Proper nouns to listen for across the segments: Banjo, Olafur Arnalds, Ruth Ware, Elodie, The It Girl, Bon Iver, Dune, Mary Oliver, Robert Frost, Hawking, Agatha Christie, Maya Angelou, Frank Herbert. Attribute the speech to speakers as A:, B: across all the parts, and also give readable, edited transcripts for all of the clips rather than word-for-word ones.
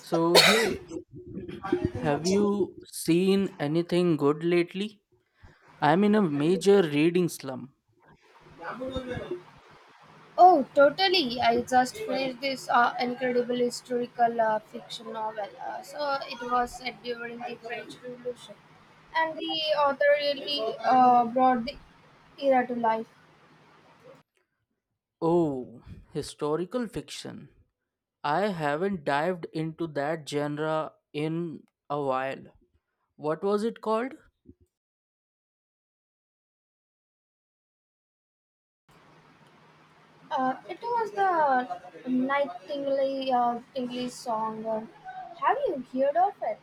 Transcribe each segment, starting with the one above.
A: So, hey, have you seen anything good lately? I'm in a major reading slump.
B: Oh, totally. I just finished this incredible historical fiction novel. So it was set during the French Revolution. And the author really brought the era to life.
A: Oh, historical fiction. I haven't dived into that genre in a while. What was it called?
B: It was the Nightingale Tingley song. Have you heard of it?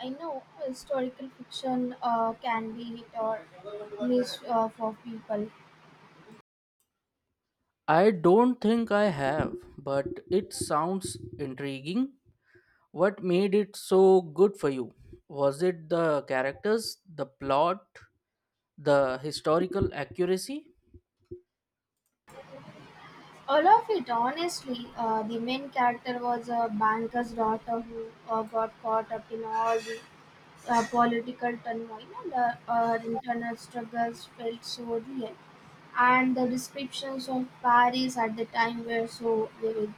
B: I know historical fiction can be hit or miss for people.
A: I don't think I have, but it sounds intriguing. What made it so good for you? Was it the characters, the plot, the historical accuracy?
B: All of it, honestly. The main character was a banker's daughter who got caught up in all the political turmoil, and her internal struggles felt so real, and the descriptions of Paris at the time were so vivid.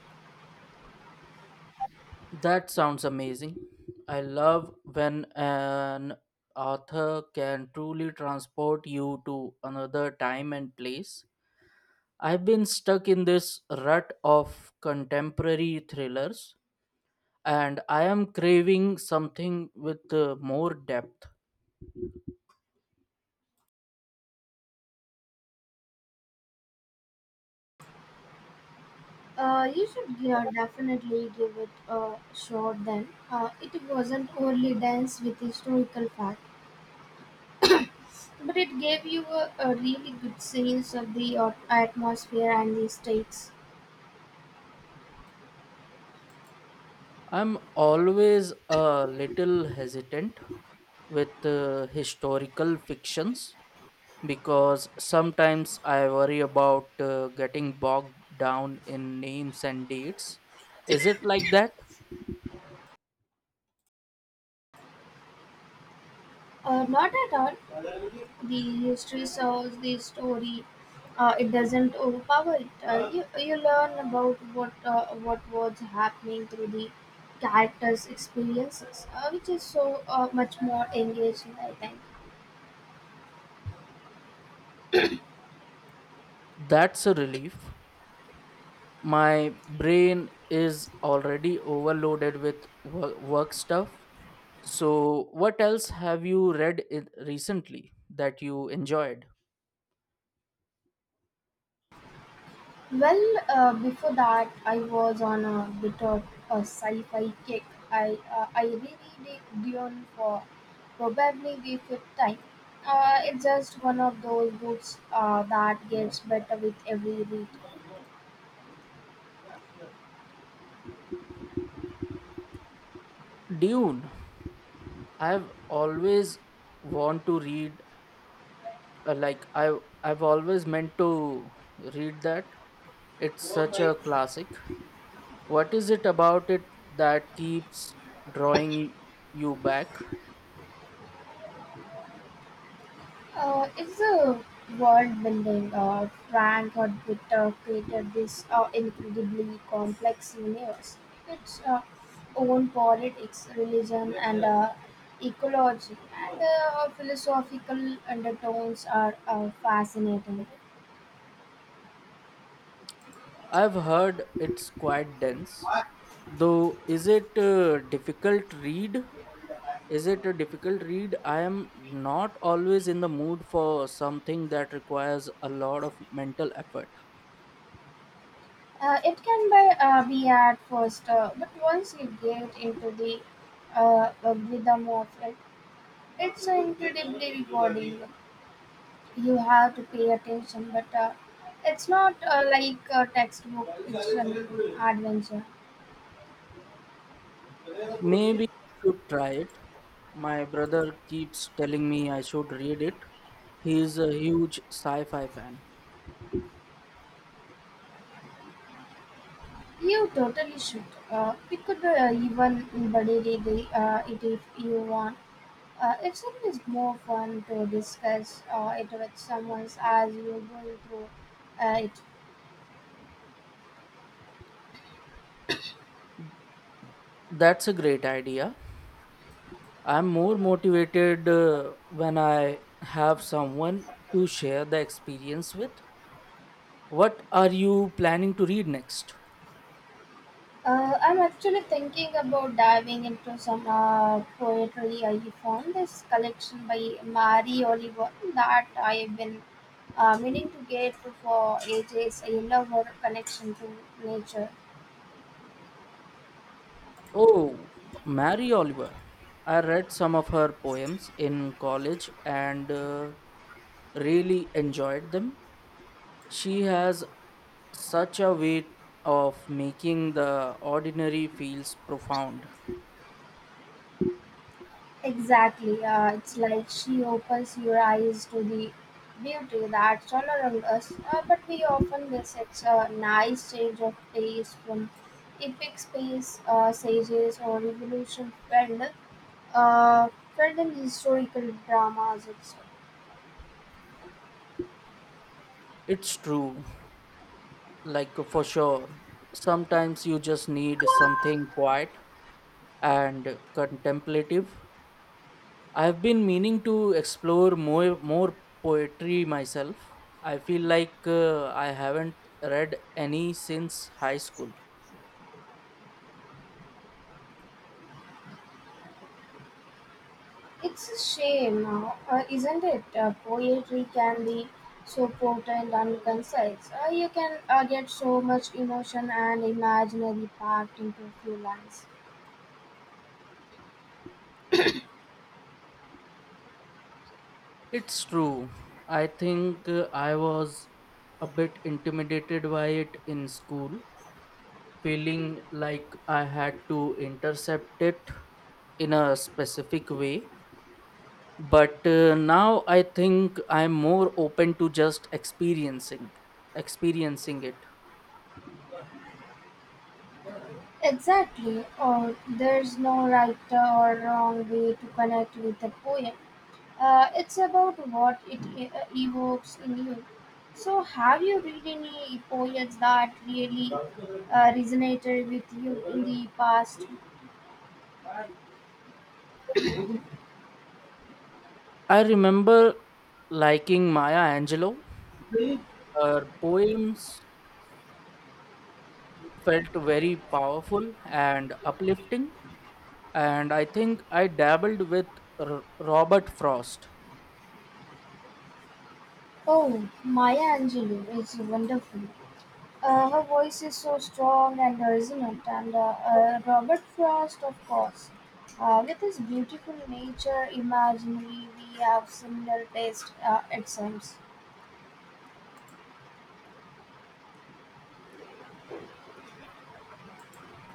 A: That sounds amazing. I love when an author can truly transport you to another time and place. I've been stuck in this rut of contemporary thrillers, and I am craving something with more depth.
B: You should give, definitely give it a shot then. It wasn't only dense with historical facts, but it gave you a really good sense of the atmosphere and the stakes.
A: I'm always a little hesitant with historical fictions because sometimes I worry about getting bogged down in names and dates. Is it like that?
B: Not at all. The history serves the story. It doesn't overpower it. You learn about what was happening through the characters' experiences, which is so much more engaging, I think.
A: That's a relief. My brain is already overloaded with work stuff. So, what else have you read it recently that you enjoyed?
B: Well, before that, I was on a bit of a sci-fi kick. I reread Dune for probably the fifth time. It's just one of those books that gets better with every
A: Dune. I've always want to read . Like, I've always meant to read that. It's such
B: read.
A: a classic. What is it about it that keeps drawing you back?
B: It's a world building. Frank Herbert created this incredibly complex universe. Its own politics, religion, and ecology, and philosophical undertones are fascinating.
A: I've heard it's quite dense, though. Is it a difficult read? I am not always in the mood for something that requires a lot of mental effort.
B: It can be at first, but once you get into the rhythm of it, it's incredibly rewarding. You have to pay attention, but it's not like a textbook, it's an adventure.
A: Maybe I should try it. My brother keeps telling me I should read it. He's a huge sci fi fan.
B: You totally should. We could even embody it if you want. It's always more fun to discuss it with someone as you're going through it.
A: That's a great idea. I'm more motivated when I have someone to share the experience with. What are you planning to read next?
B: I'm actually thinking about diving into some poetry. I found this collection by Mary Oliver that I've been meaning to get to for ages. I love her connection to nature.
A: Oh, Mary Oliver. I read some of her poems in college and really enjoyed them. She has such a way of making the ordinary feels profound.
B: Exactly. It's like she opens your eyes to the beauty that's all around us, but we often miss It's a nice change of pace from epic space sages, or revolution fell, uh, certain historical dramas.
A: It's true, like, for sure. Sometimes you just need something quiet and contemplative. I've been meaning to explore more poetry myself. I feel like I haven't read any since high school.
B: It's a shame, isn't it? Poetry can be so potent and concise. You can get so much emotion and imaginary packed into few lines.
A: It's true. I think I was a bit intimidated by it in school, feeling like I had to intercept it in a specific way. But now I think I'm more open to just experiencing it.
B: Exactly. Or there's no right or wrong way to connect with a poem. It's about what evokes in you. So, have you read any poets that really resonated with you in the past?
A: I remember liking Maya Angelou. Her poems felt very powerful and uplifting, and I think I dabbled with Robert Frost.
B: Oh, Maya Angelou is wonderful. Her voice is so strong and resonant, and Robert Frost, of course. With his beautiful nature imaginary, we have similar taste, it seems.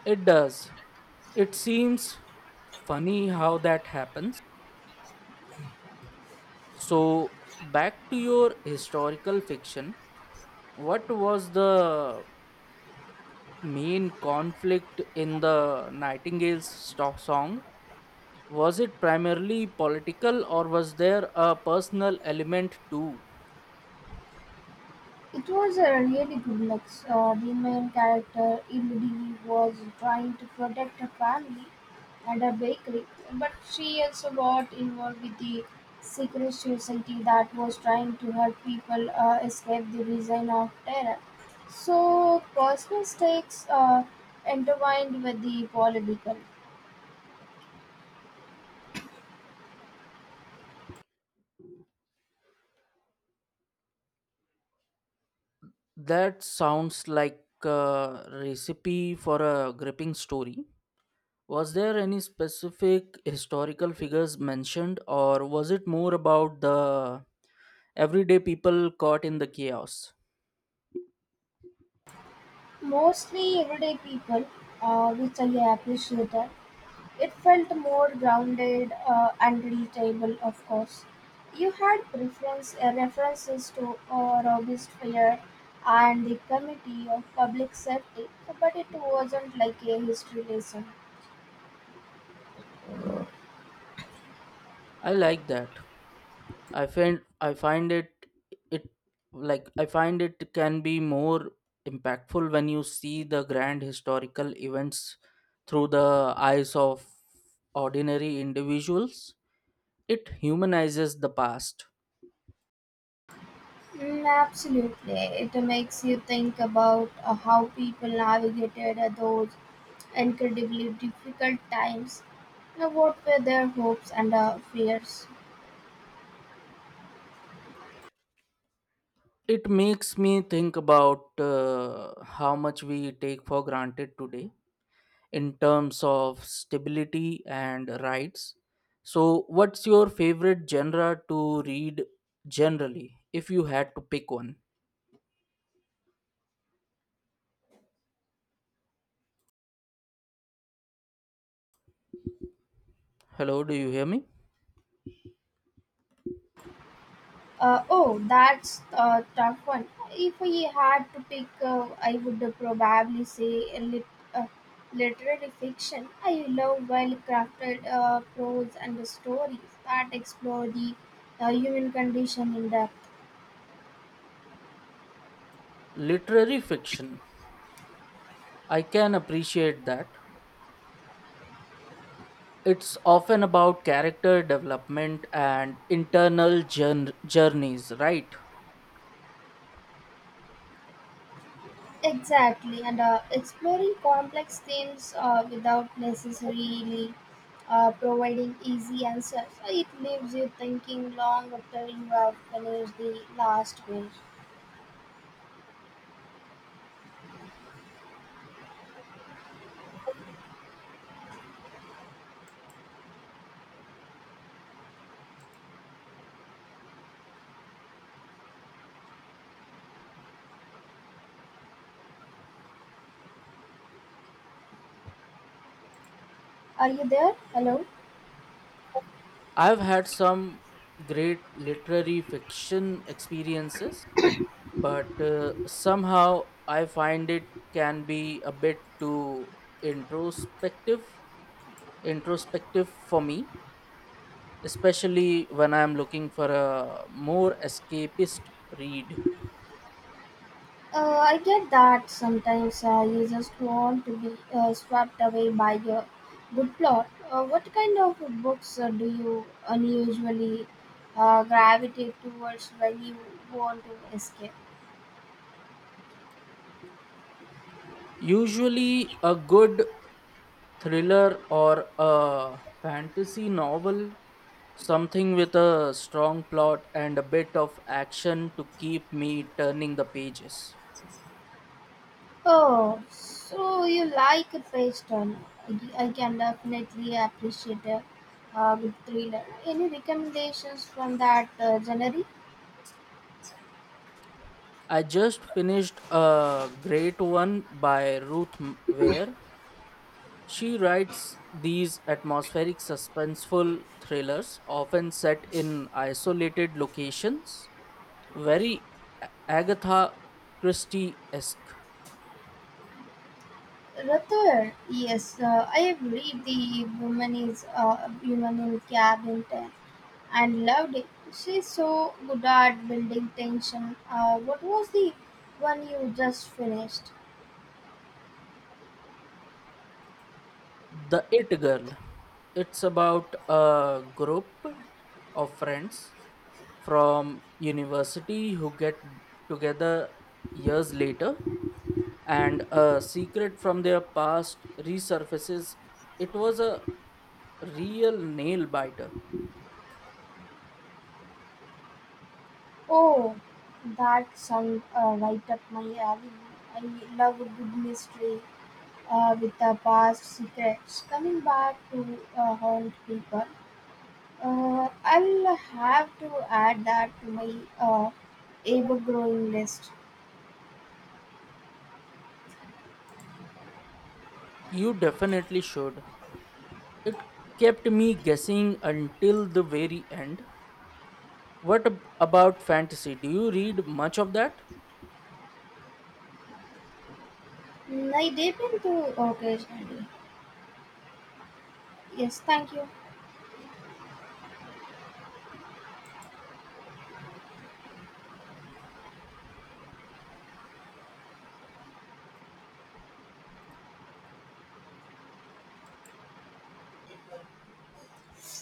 A: It does. It seems funny how that happens. So, back to your historical fiction. What was the main conflict in the Nightingale's song? Was it primarily political or was there a personal element too?
B: It was a really good mix. The main character, Elodie, was trying to protect her family and her bakery, but she also got involved with the secret society that was trying to help people escape the reign of terror. So, personal stakes are intertwined with the political.
A: That sounds like a recipe for a gripping story. Was there any specific historical figures mentioned or was it more about the everyday people caught in the chaos?
B: Mostly everyday people, which I appreciated. It felt more grounded and relatable, of course. You had preference, references to robust fare and the committee of public safety, but it wasn't like a history lesson.
A: I like that. I find I find it it I find it can be more impactful when you see the grand historical events through the eyes of ordinary individuals. It humanizes the past.
B: Mm, absolutely, it makes you think about how people navigated those incredibly difficult times. Now, what were their hopes and fears?
A: It makes me think about how much we take for granted today in terms of stability and rights. So, what's your favorite genre to read generally, if you had to pick one? Hello, do you hear me?
B: Oh, that's a tough one. If I had to pick, I would probably say literary fiction. I love well crafted prose and stories that explore the human condition in depth.
A: Literary fiction. I can appreciate that. It's often about character development and internal journeys, right?
B: Exactly, and exploring complex themes without necessarily providing easy answers. So, it leaves you thinking long after you have finished the last page. Are you there? Hello?
A: I've had some great literary fiction experiences, but somehow I find it can be a bit too introspective introspective for me, especially when I'm looking for a more escapist read.
B: I get that. Sometimes you just want to be swept away by a good plot. What kind of books do you unusually gravitate towards when you want to escape?
A: Usually, a good thriller or a fantasy novel, something with a strong plot and a bit of action to keep me turning the pages.
B: Oh, so you like a page turner. I can definitely appreciate a good thriller. Any recommendations from that genre?
A: I just finished a great one by Ruth Ware. She writes these atmospheric, suspenseful thrillers, often set in isolated locations, very Agatha Christie esque.
B: Rather, yes, I have read The Woman is Woman in Cabin and loved it. She's so good at building tension. What was the one you just finished?
A: The It Girl. It's about a group of friends from university who get together years later and a secret from their past resurfaces. It was a real nail biter.
B: Oh, that sounds right up my alley. I love a good mystery with the past secrets coming back to haunt people. I'll have to add that to my ever-growing list.
A: You definitely should. It kept me guessing until the very end. What about fantasy? Do you read much of that?
B: Mm, I dip into occasionally. Yes, thank